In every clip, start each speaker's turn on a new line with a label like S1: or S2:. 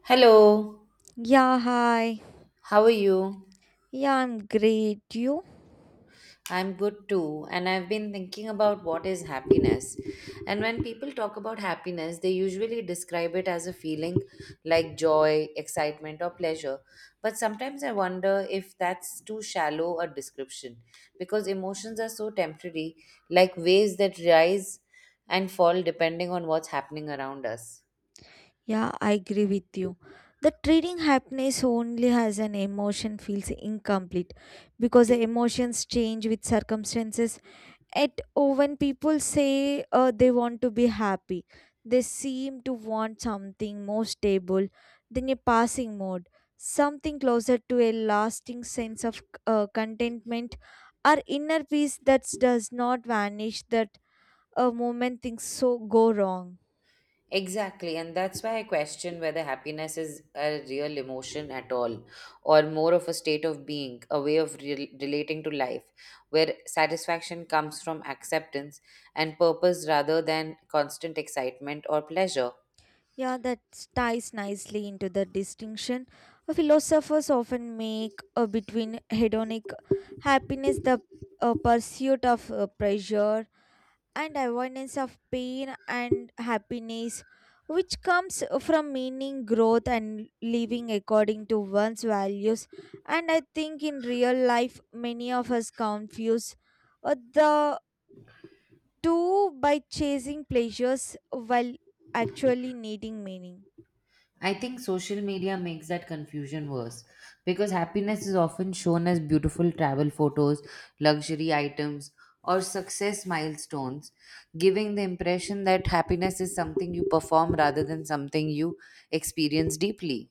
S1: Hello,
S2: Yeah, hi.
S1: how are you?
S2: Yeah, I'm great. You?
S1: I'm good too, and I've been thinking about what is happiness. And when people talk about happiness, they usually describe it as a feeling like joy, excitement, or pleasure. But sometimes I wonder if that's too shallow a description because emotions are so temporary, like waves that rise and fall depending on what's happening around us.
S2: Yeah, I agree with you. The treating happiness only as an emotion feels incomplete because the emotions change with circumstances. At oh, when people say they want to be happy, they seem to want something more stable than a passing mode, something closer to a lasting sense of contentment or inner peace that does not vanish. That a moment things so go wrong.
S1: Exactly, and that's why I question whether happiness is a real emotion at all, or more of a state of being, a way of relating to life, where satisfaction comes from acceptance and purpose rather than constant excitement or pleasure.
S2: Yeah, that ties nicely into the distinction philosophers often make between hedonic happiness, the pursuit of pleasure, and avoidance of pain and happiness, which comes from meaning, growth, and living according to one's values. And I think in real life, many of us confuse the too by chasing pleasures while actually needing meaning.
S1: I think social media makes that confusion worse because happiness is often shown as beautiful travel photos, luxury items, or success milestones, giving the impression that happiness is something you perform rather than something you experience deeply.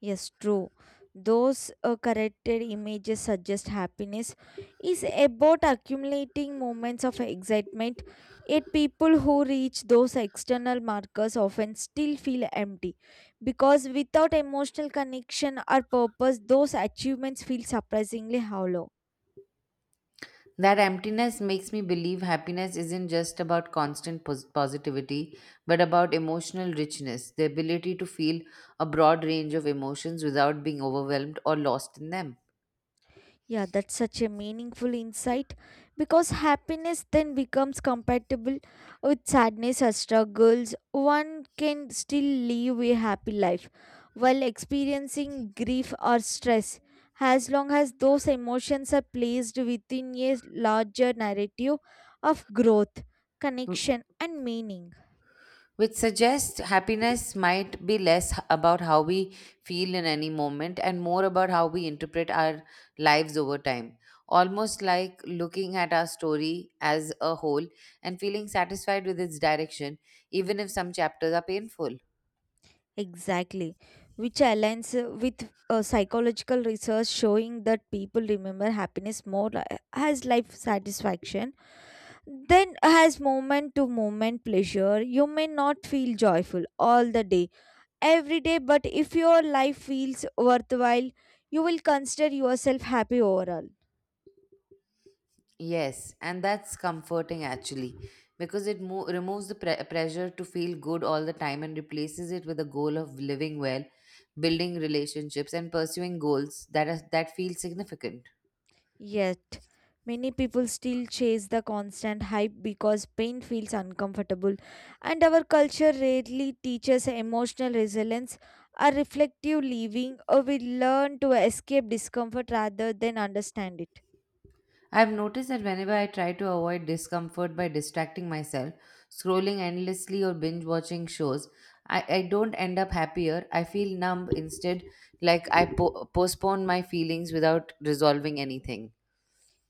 S2: Yes, true. Those corrected images suggest happiness is about accumulating moments of excitement, yet people who reach those external markers often still feel empty because without emotional connection or purpose, those achievements feel surprisingly hollow.
S1: That emptiness makes me believe happiness isn't just about constant positivity, but about emotional richness, the ability to feel a broad range of emotions without being overwhelmed or lost in them.
S2: Yeah, that's such a meaningful insight because happiness then becomes compatible with sadness or struggles. One can still live a happy life while experiencing grief or stress, as long as those emotions are placed within a larger narrative of growth, connection, and meaning.
S1: Which suggests happiness might be less about how we feel in any moment and more about how we interpret our lives over time. Almost like looking at our story as a whole and feeling satisfied with its direction, even if some chapters are painful.
S2: Exactly, which aligns with psychological research showing that people remember happiness more as life satisfaction than as moment to moment pleasure. You may not feel joyful all the day, every day, but if your life feels worthwhile, you will consider yourself happy overall.
S1: Yes, and that's comforting actually because it removes the pressure to feel good all the time and replaces it with a goal of living well, building relationships, and pursuing goals that feel significant.
S2: Yet, many people still chase the constant hype because pain feels uncomfortable, and our culture rarely teaches emotional resilience or reflective living, or we learn to escape discomfort rather than understand it.
S1: I've noticed that whenever I try to avoid discomfort by distracting myself, scrolling endlessly or binge watching shows, I don't end up happier. I feel numb instead, like I postpone my feelings without resolving anything.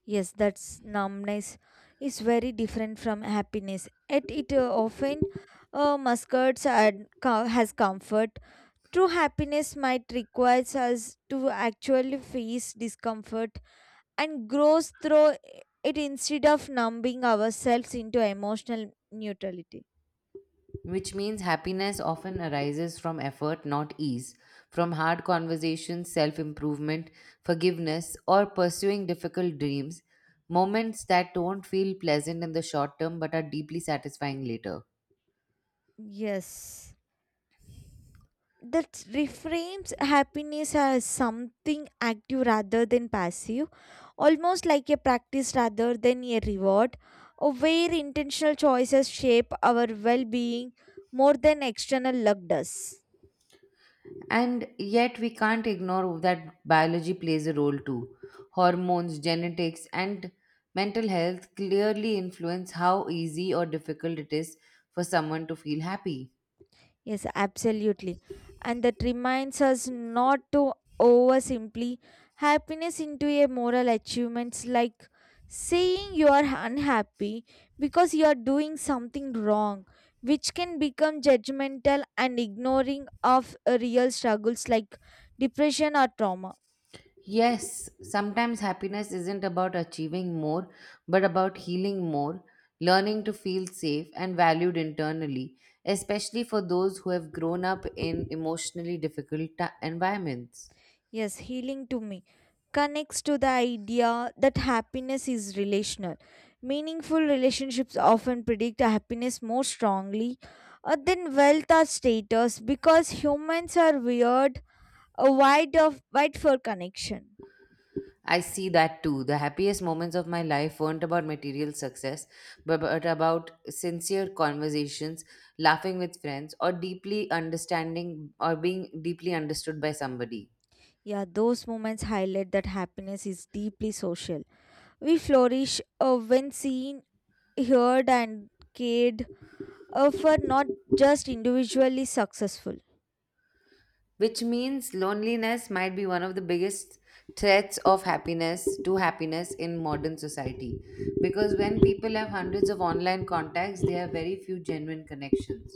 S2: Yes, that's numbness is very different from happiness. Yet it often masquerades and has comfort. True happiness might requires us to actually face discomfort and grows through it instead of numbing ourselves into emotional neutrality.
S1: Which means happiness often arises from effort, not ease, from hard conversations, self improvement, forgiveness, or pursuing difficult dreams, moments that don't feel pleasant in the short term but are deeply satisfying later.
S2: Yes. That reframes happiness as something active rather than passive, almost like a practice rather than a reward, or where intentional choices shape our well being more than external luck does.
S1: And yet, we can't ignore that biology plays a role too. Hormones, genetics, and mental health clearly influence how easy or difficult it is for someone to feel happy.
S2: Yes, absolutely. And that reminds us not to oversimply happiness into a moral achievements like saying you are unhappy because you are doing something wrong, which can become judgmental and ignoring of real struggles like depression or trauma.
S1: Yes, sometimes happiness isn't about achieving more, but about healing more, learning to feel safe and valued internally, especially for those who have grown up in emotionally difficult environments.
S2: Yes, healing to me connects to the idea that happiness is relational. Meaningful relationships often predict happiness more strongly than wealth or status because humans are wired wide of wide for connection.
S1: I see that too. The happiest moments of my life weren't about material success, but about sincere conversations, laughing with friends, or deeply understanding or being deeply understood by somebody.
S2: Yeah, those moments highlight that happiness is deeply social. We flourish when seen, heard, and cared for, not just individually successful.
S1: Which means loneliness might be one of the biggest threats of happiness to happiness in modern society. Because when people have hundreds of online contacts, they have very few genuine connections.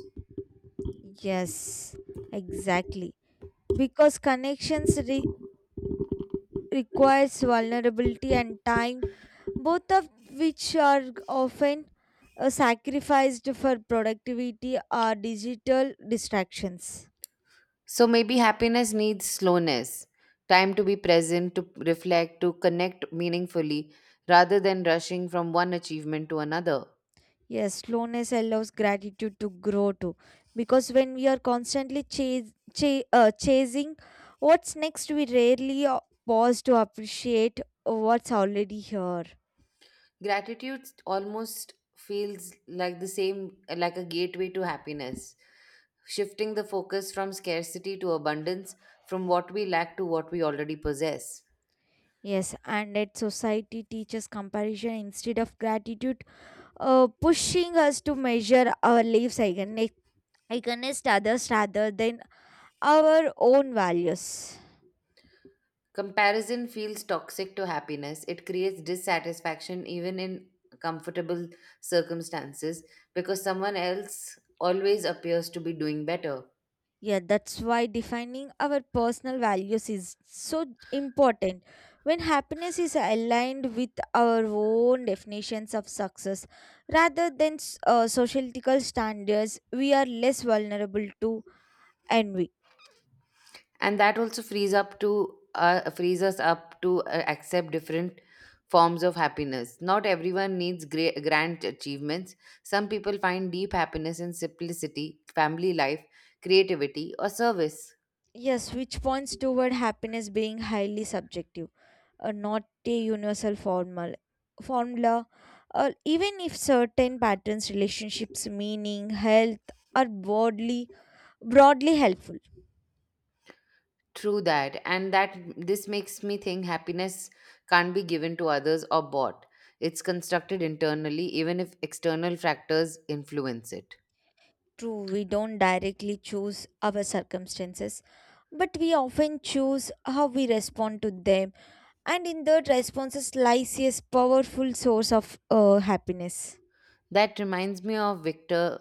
S2: Yes, exactly. Because connections requires vulnerability and time, both of which are often sacrificed for productivity or digital distractions.
S1: So maybe happiness needs slowness, time to be present, to reflect, to connect meaningfully, rather than rushing from one achievement to another.
S2: Yes, slowness allows gratitude to grow too, because when we are constantly chasing what's next, we rarely pause to appreciate what's already here.
S1: Gratitude almost feels like the same, like a gateway to happiness, shifting the focus from scarcity to abundance, from what we lack to what we already possess.
S2: Yes, and that society teaches comparison instead of gratitude, pushing us to measure our lives again against others rather than our own values.
S1: Comparison feels toxic to happiness. It creates dissatisfaction even in comfortable circumstances because someone else always appears to be doing better.
S2: Yeah, that's why defining our personal values is so important. When happiness is aligned with our own definitions of success rather than societal standards, we are less vulnerable to envy.
S1: And that also frees up to frees us up to accept different forms of happiness. Not everyone needs great, grand achievements. Some people find deep happiness in simplicity, family life, creativity, or service.
S2: Yes, which points toward happiness being highly subjective, not a universal formal formula. Even if certain patterns, relationships, meaning, health are broadly helpful.
S1: True that, and that this makes me think happiness can't be given to others or bought. It's constructed internally, even if external factors influence it.
S2: True, we don't directly choose our circumstances, but we often choose how we respond to them, and in that responses lies a powerful source of happiness.
S1: That reminds me of Victor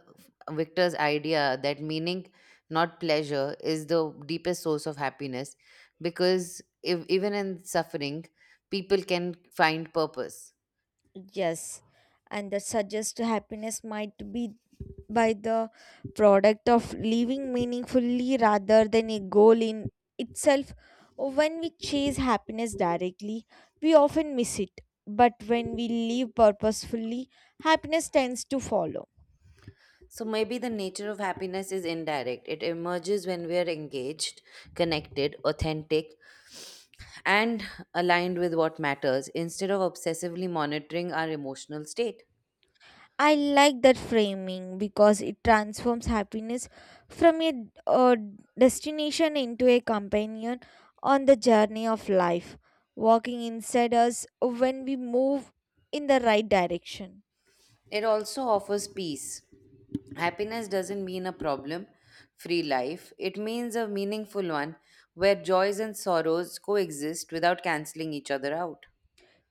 S1: Victor's idea that meaning, not pleasure, is the deepest source of happiness, because if, even in suffering, people can find purpose.
S2: Yes, and that suggests happiness might be by the product of living meaningfully rather than a goal in itself. When we chase happiness directly, we often miss it. But when we live purposefully, happiness tends to follow.
S1: So maybe the nature of happiness is indirect. It emerges when we are engaged, connected, authentic, and aligned with what matters instead of obsessively monitoring our emotional state.
S2: I like that framing because it transforms happiness from a destination into a companion on the journey of life, walking inside us when we move in the right direction.
S1: It also offers peace. Happiness doesn't mean a problem free life, it means a meaningful one where joys and sorrows coexist without canceling each other out.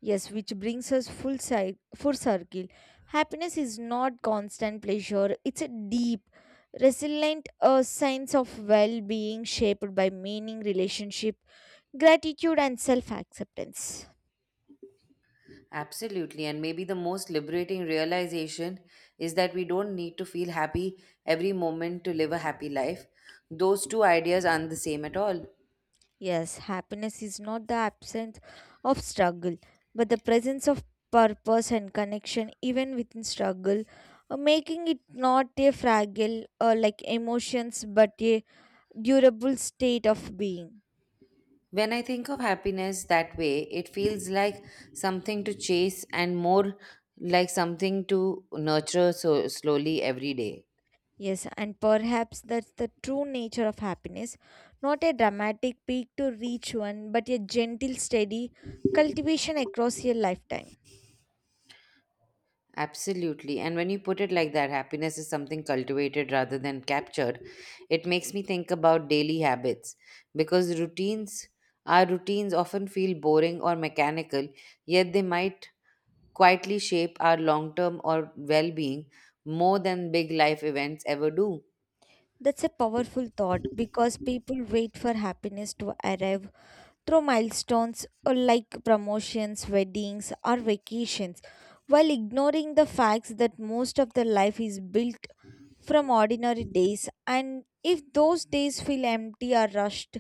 S2: Yes, which brings us full circle. Happiness is not constant pleasure. It's a deep, resilient sense of well-being shaped by meaning, relationship, gratitude, and self-acceptance.
S1: Absolutely, and maybe the most liberating realization is that we don't need to feel happy every moment to live a happy life. Those two ideas aren't the same at all.
S2: Yes, happiness is not the absence of struggle, but the presence of purpose and connection, even within struggle, making it not a fragile like emotions, but a durable state of being.
S1: When I think of happiness that way, it feels like something to chase and more like something to nurture so slowly every day.
S2: Yes, and perhaps that's the true nature of happiness. Not a dramatic peak to reach one, but a gentle, steady cultivation across your lifetime.
S1: Absolutely. And when you put it like that, happiness is something cultivated rather than captured. It makes me think about daily habits because routines, our routines often feel boring or mechanical, yet they might quietly shape our long term or well being more than big life events ever do.
S2: That's a powerful thought because people wait for happiness to arrive through milestones like promotions, weddings, or vacations, while ignoring the facts that most of the life is built from ordinary days. And if those days feel empty or rushed,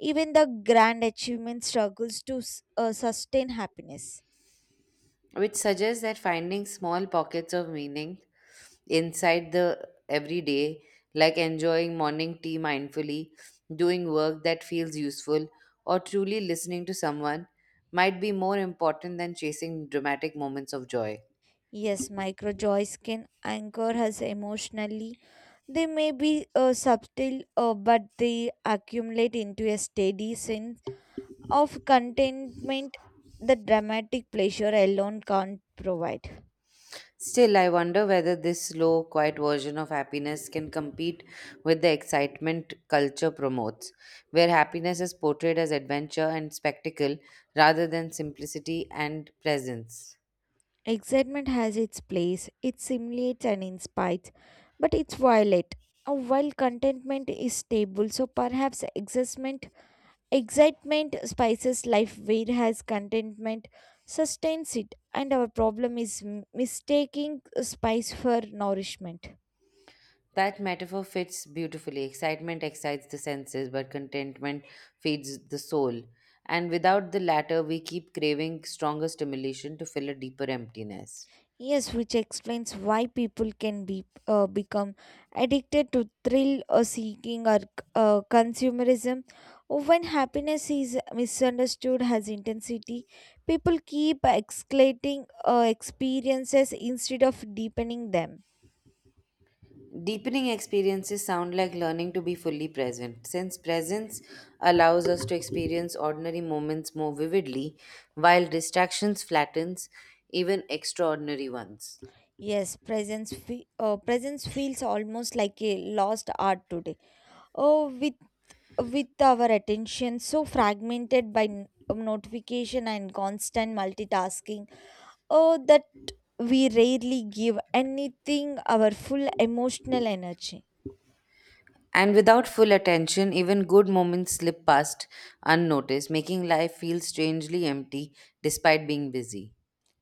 S2: even the grand achievement struggles to sustain happiness.
S1: Which suggests that finding small pockets of meaning inside the everyday, like enjoying morning tea mindfully, doing work that feels useful, or truly listening to someone, might be more important than chasing dramatic moments of joy.
S2: Yes, micro joys can anchor us emotionally. They may be subtle, but they accumulate into a steady sense of contentment the dramatic pleasure alone can't provide.
S1: Still, I wonder whether this slow, quiet version of happiness can compete with the excitement culture promotes, where happiness is portrayed as adventure and spectacle rather than simplicity and presence.
S2: Excitement has its place, it stimulates and inspires, but it's violent. While contentment is stable, so perhaps excitement spices life, whereas contentment sustains it. And our problem is mistaking spice for nourishment.
S1: That metaphor fits beautifully. Excitement excites the senses, but contentment feeds the soul. And without the latter, we keep craving stronger stimulation to fill a deeper emptiness.
S2: Yes, which explains why people can be become addicted to thrill or seeking or consumerism. When happiness is misunderstood as intensity, people keep escalating experiences instead of deepening them.
S1: Deepening experiences sound like learning to be fully present, since presence allows us to experience ordinary moments more vividly, while distractions flattens even extraordinary ones.
S2: Yes, presence feels almost like a lost art today. Oh, with our attention so fragmented by notification and constant multitasking. Oh, that we rarely give anything our full emotional energy.
S1: And without full attention, even good moments slip past unnoticed, making life feel strangely empty despite being busy.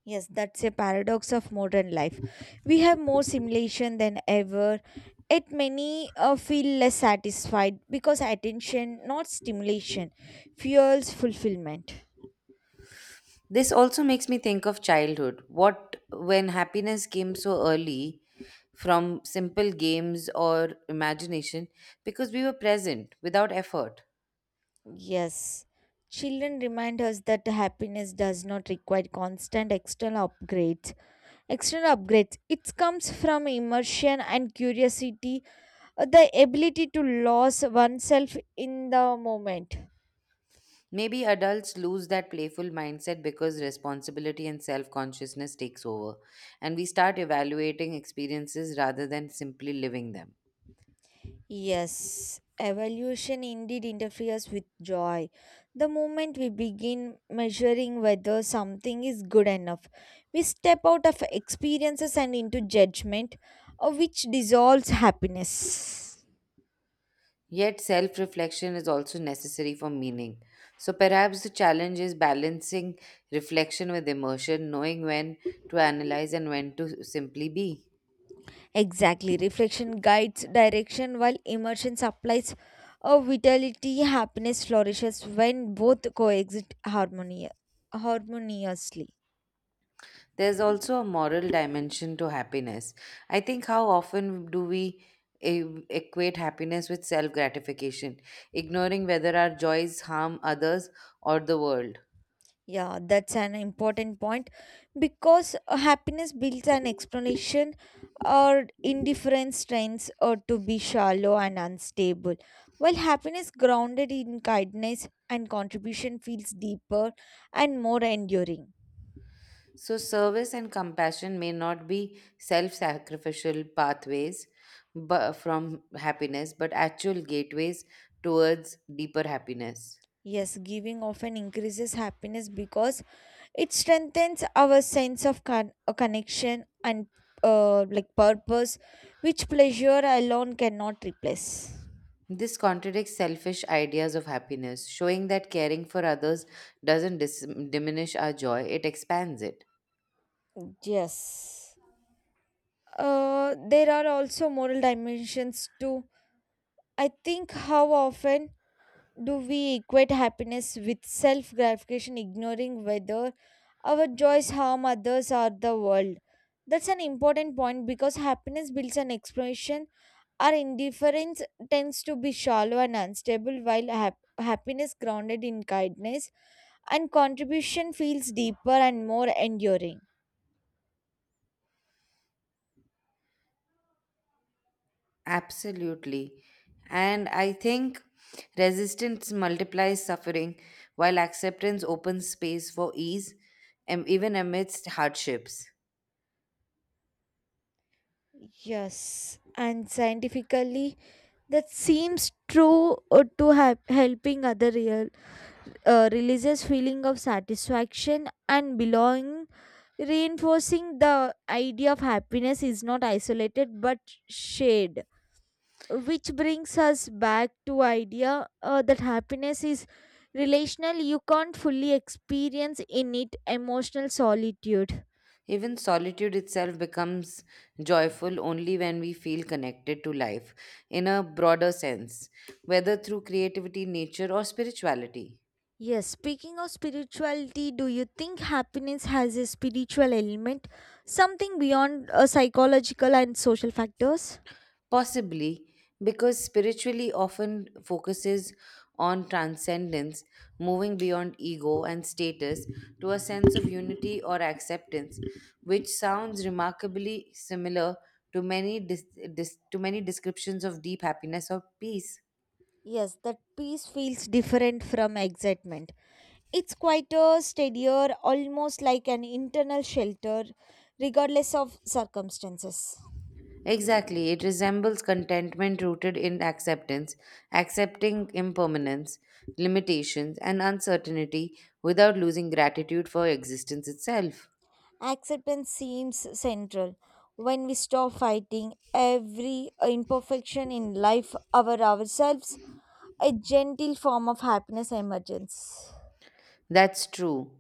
S2: Yes, that's a paradox of modern life. We have more simulation than ever, yet many feel less satisfied because attention, not stimulation, fuels fulfillment.
S1: This also makes me think of childhood. What when happiness came so early from simple games or imagination because we were present without effort.
S2: Yes, children remind us that happiness does not require constant external upgrades. External upgrades it comes from immersion and curiosity, the ability to lose oneself in the moment.
S1: Maybe adults lose that playful mindset because responsibility and self consciousness takes over, and we start evaluating experiences rather than simply living them.
S2: Yes, evolution indeed interferes with joy. The moment we begin measuring whether something is good enough, we step out of experiences and into judgment, which dissolves happiness.
S1: Yet self reflection is also necessary for meaning. So perhaps the challenge is balancing reflection with immersion, knowing when to analyze and when to simply be.
S2: Exactly. Reflection guides direction while immersion supplies a vitality. Happiness flourishes when both coexist harmoniously.
S1: There's also a moral dimension to happiness. I think how often do we e- equate happiness with self gratification, ignoring whether our joys harm others or the world?
S2: Yeah, that's an important point because happiness builds an explanation or indifference trends or to be shallow and unstable. While happiness grounded in kindness and contribution feels deeper and more enduring.
S1: So, service and compassion may not be self sacrificial pathways from happiness, but actual gateways towards deeper happiness.
S2: Yes, giving often increases happiness because it strengthens our sense of connection and like purpose, which pleasure alone cannot replace.
S1: This contradicts selfish ideas of happiness, showing that caring for others doesn't diminish our joy, it expands it.
S2: Yes. There are also moral dimensions too. I think how often do we equate happiness with self gratification, ignoring whether our joys harm others or the world? That's an important point because happiness builds an exploration. Our indifference tends to be shallow and unstable, while happiness grounded in kindness and contribution feels deeper and more enduring.
S1: Absolutely. And I think resistance multiplies suffering, while acceptance opens space for ease, and even amidst hardships.
S2: Yes, and scientifically, that seems true to helping other real releases feeling of satisfaction and belonging, reinforcing the idea of happiness is not isolated but shared, which brings us back to idea that happiness is relational. You can't fully experience in it emotional solitude.
S1: Even solitude itself becomes joyful only when we feel connected to life in a broader sense, whether through creativity, nature, or spirituality.
S2: Yes, speaking of spirituality, do you think happiness has a spiritual element, something beyond psychological and social factors?
S1: Possibly because spiritually often focuses on transcendence, moving beyond ego and status to a sense of unity or acceptance, which sounds remarkably similar to many descriptions of deep happiness or peace.
S2: Yes, that peace feels different from excitement. It's quieter, steadier, almost like an internal shelter regardless of circumstances.
S1: Exactly, it resembles contentment rooted in acceptance, accepting impermanence, limitations, and uncertainty without losing gratitude for existence itself.
S2: Acceptance seems central. When we stop fighting every imperfection in life over ourselves, a gentle form of happiness emerges.
S1: That's true.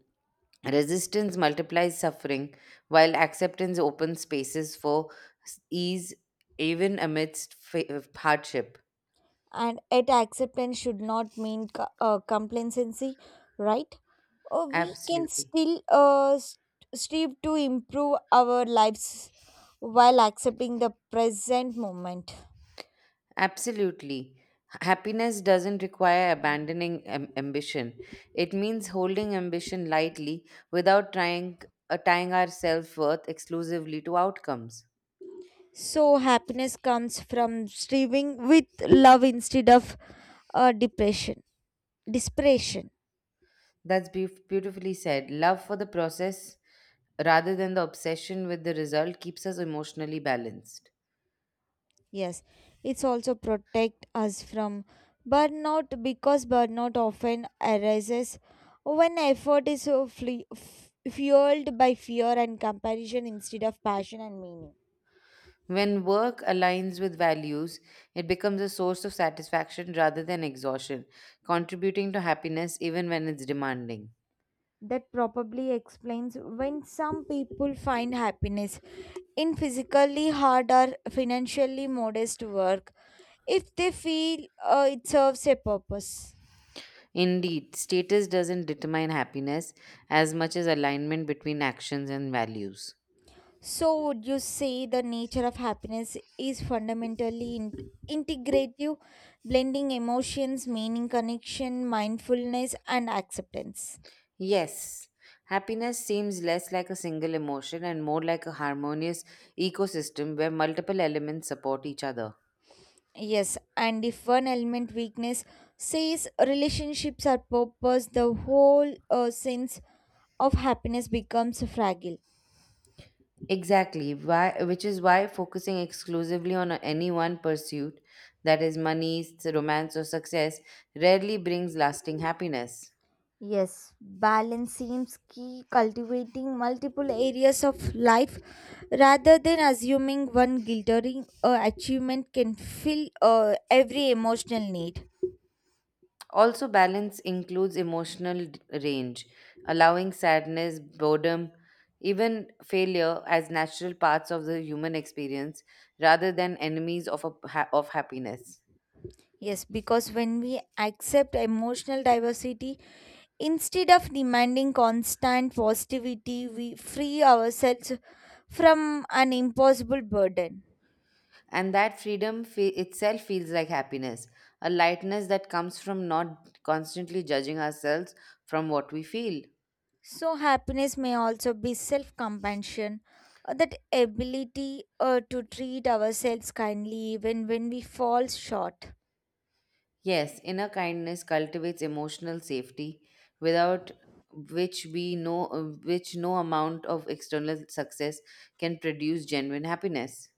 S1: Resistance multiplies suffering, while acceptance opens spaces for ease even amidst hardship.
S2: And yet acceptance should not mean complacency, right? Or we can
S1: Absolutely.
S2: still strive to improve our lives while accepting the present moment.
S1: Absolutely. Happiness doesn't require abandoning ambition. It means holding ambition lightly without trying tying our self-worth exclusively to outcomes.
S2: So happiness comes from striving with love instead of depression. Desperation,
S1: Beautifully said. Love for the process rather than the obsession with the result keeps us emotionally balanced.
S2: yes. It's also protect us from burnout because burnout often arises when effort is so fueled by fear and comparison instead of passion and meaning.
S1: When work aligns with values, it becomes a source of satisfaction rather than exhaustion, contributing to happiness even when it's demanding.
S2: That probably explains when some people find happiness in physically hard or financially modest work if they feel it serves a purpose.
S1: Indeed, status doesn't determine happiness as much as alignment between actions and values.
S2: So, would you say the nature of happiness is fundamentally integrative, blending emotions, meaning, connection, mindfulness, and acceptance?
S1: Yes, happiness seems less like a single emotion and more like a harmonious ecosystem where multiple elements support each other.
S2: Yes, and if one element weakness says relationships are purpose, the whole sense of happiness becomes fragile.
S1: Which is why focusing exclusively on any one pursuit, that is, money, romance, or success, rarely brings lasting happiness.
S2: Yes, balance seems key, cultivating multiple areas of life rather than assuming one glittering achievement can fill every emotional need.
S1: Also, balance includes emotional range, allowing sadness, boredom, even failure as natural parts of the human experience rather than enemies of happiness.
S2: Yes, because when we accept emotional diversity, instead of demanding constant positivity, we free ourselves from an impossible burden.
S1: And that itself feels like happiness, a lightness that comes from not constantly judging ourselves from what we feel.
S2: So, happiness may also be self compassion, that ability to treat ourselves kindly even when we fall short.
S1: Yes, inner kindness cultivates emotional safety, without which we know which no amount of external success can produce genuine happiness.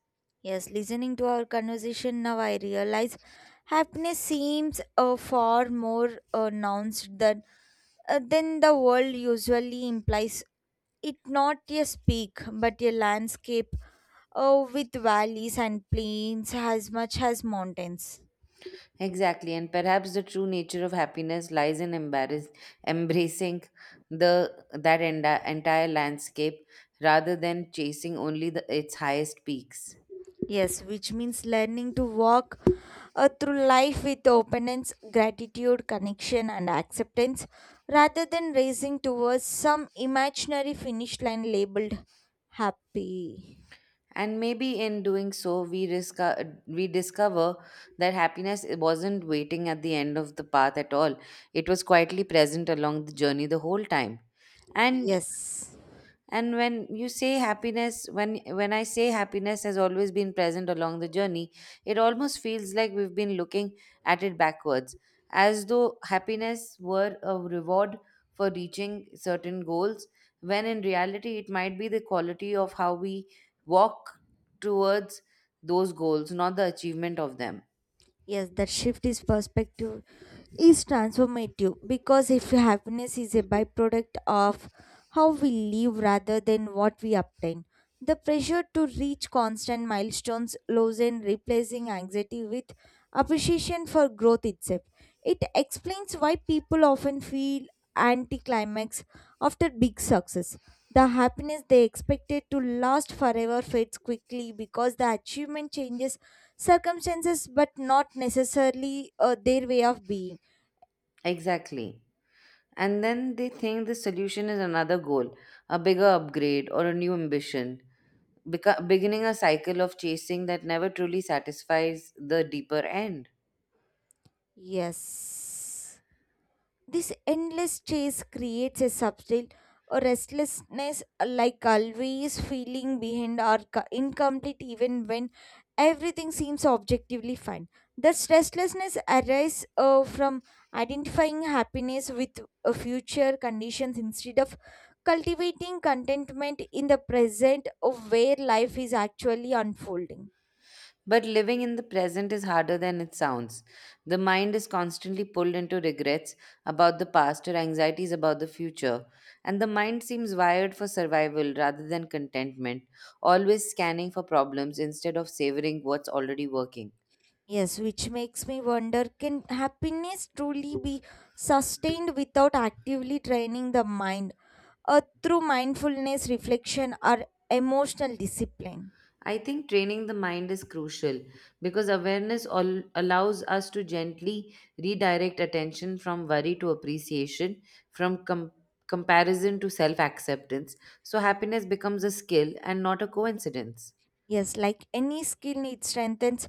S2: Yes, listening to our conversation now, I realize happiness seems far more announced than the world usually implies. It not a peak, but a landscape with valleys and plains as much as mountains.
S1: Exactly, and perhaps the true nature of happiness lies in embracing the that enda entire landscape rather than chasing only its highest peaks.
S2: Yes, which means learning to walk through life with openness, gratitude, connection, and acceptance rather than racing towards some imaginary finish line labeled happy.
S1: And maybe in doing so, we discover that happiness wasn't waiting at the end of the path at all. It was quietly present along the journey the whole time. And
S2: Yes,
S1: and when you say happiness when I say happiness has always been present along the journey, it almost feels like we've been looking at it backwards, as though happiness were a reward for reaching certain goals, when in reality it might be the quality of how we walk towards those goals, not the achievement of them.
S2: yes, that shift is perspective is transformative because if happiness is a byproduct of how we live rather than what we obtain, the pressure to reach constant milestones lows and replacing anxiety with appreciation for growth itself. It explains why people often feel anticlimax after big success. The happiness they expected to last forever fades quickly because the achievement changes circumstances but not necessarily their way of being.
S1: Exactly. And then they think the solution is another goal, a bigger upgrade, or a new ambition, beginning a cycle of chasing that never truly satisfies the deeper end.
S2: Yes. This endless chase creates a subtle or restlessness, like always feeling behind or incomplete, even when everything seems objectively fine. That restlessness arises from identifying happiness with future conditions instead of cultivating contentment in the present of where life is actually unfolding.
S1: But living in the present is harder than it sounds. The mind is constantly pulled into regrets about the past or anxieties about the future, and the mind seems wired for survival rather than contentment, always scanning for problems instead of savoring what's already working.
S2: Yes, which makes me wonder, can happiness truly be sustained without actively training the mind or through mindfulness, reflection, or emotional discipline?
S1: I think training the mind is crucial because awareness allows us to gently redirect attention from worry to appreciation, from comparison to self acceptance. So, happiness becomes a skill and not a coincidence.
S2: Yes, like any skill, it strengthens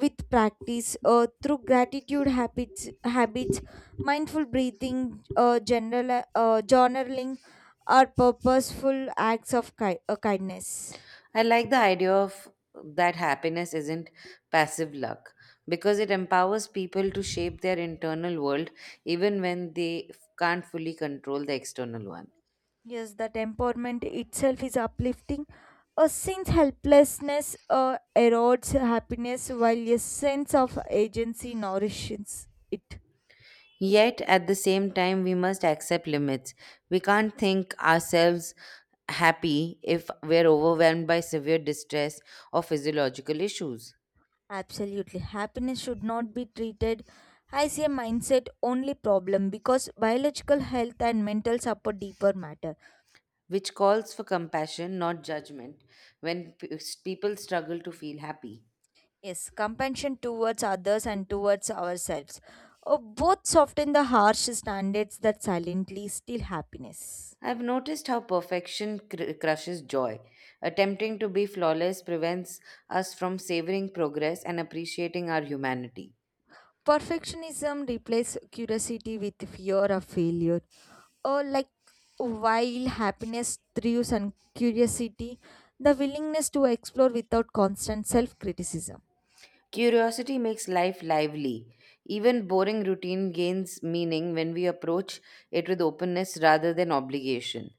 S2: with practice or through gratitude habits, mindful breathing, journaling, or purposeful acts of kindness.
S1: I like the idea of that happiness isn't passive luck because it empowers people to shape their internal world even when they can't fully control the external one.
S2: Yes, that empowerment itself is uplifting. A sense helplessness erodes happiness, while a sense of agency nourishes it.
S1: Yet at the same time, we must accept limits. We can't think ourselves happy if we're overwhelmed by severe distress or physiological issues,
S2: Absolutely. Happiness should not be treated as a mindset only problem because biological health and mental support deeper matter.
S1: which calls for compassion, not judgment, when people struggle to feel happy.
S2: Yes, compassion towards others and towards ourselves. Oh, both soften the harsh standards that silently steal happiness.
S1: I've noticed how perfection crushes joy. Attempting to be flawless prevents us from savoring progress and appreciating our humanity.
S2: Perfectionism replaces curiosity with fear of failure. Or, like, while happiness thrives on curiosity, the willingness to explore without constant self criticism.
S1: Curiosity makes life lively. Even boring routine gains meaning when we approach it with openness rather than obligation.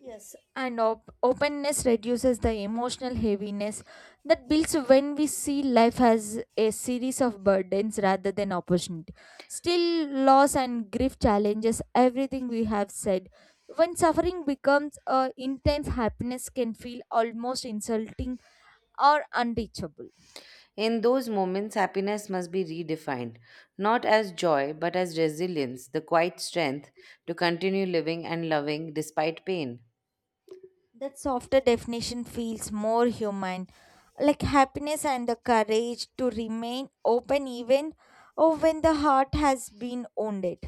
S2: Yes, and openness reduces the emotional heaviness that builds when we see life as a series of burdens rather than opportunity. Still, loss and grief challenges everything we have said. When suffering becomes intense, happiness can feel almost insulting or unreachable.
S1: In those moments, happiness must be redefined, not as joy, but as resilience, the quiet strength to continue living and loving despite pain.
S2: That softer definition feels more human, like happiness and the courage to remain open even or when the heart has been wounded.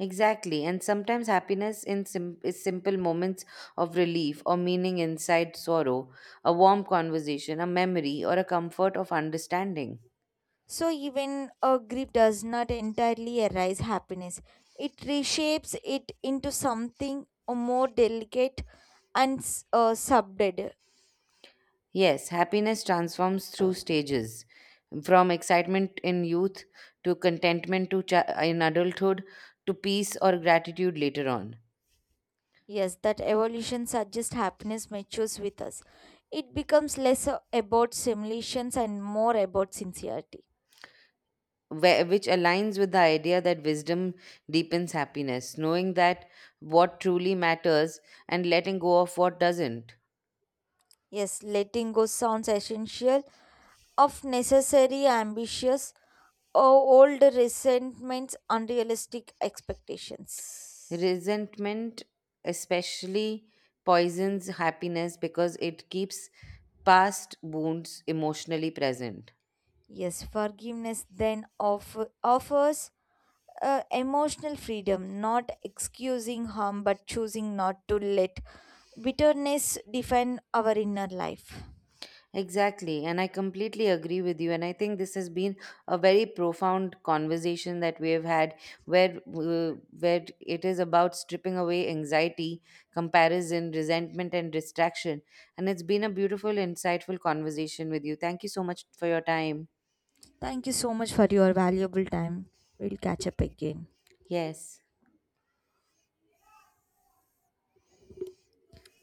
S1: Exactly, and sometimes happiness is simple moments of relief or meaning inside sorrow, a warm conversation, a memory, or a comfort of understanding.
S2: So even a grief does not entirely erase happiness. It reshapes it into something more delicate and subdued.
S1: Yes, happiness transforms through stages from excitement in youth to contentment to in adulthood to peace or gratitude later on,
S2: Yes, that evolution suggests happiness matures with us. It becomes less about simulations and more about sincerity.
S1: which aligns with the idea that wisdom deepens happiness, knowing that what truly matters and letting go of what doesn't.
S2: Yes, letting go sounds essential, of necessary, ambitious, or old resentments, unrealistic expectations.
S1: Resentment, especially, poisons happiness because it keeps past wounds emotionally present.
S2: Yes, forgiveness then offers emotional freedom, not excusing harm but choosing not to let bitterness define our inner life.
S1: Exactly. And I completely agree with you. And I think this has been a very profound conversation that we have had where, uh, where it is about stripping away anxiety, comparison, resentment, and distraction. And it's been a beautiful, insightful conversation with you. Thank you so much for your time.
S2: Thank you so much for your valuable time. We'll catch up again.
S1: Yes.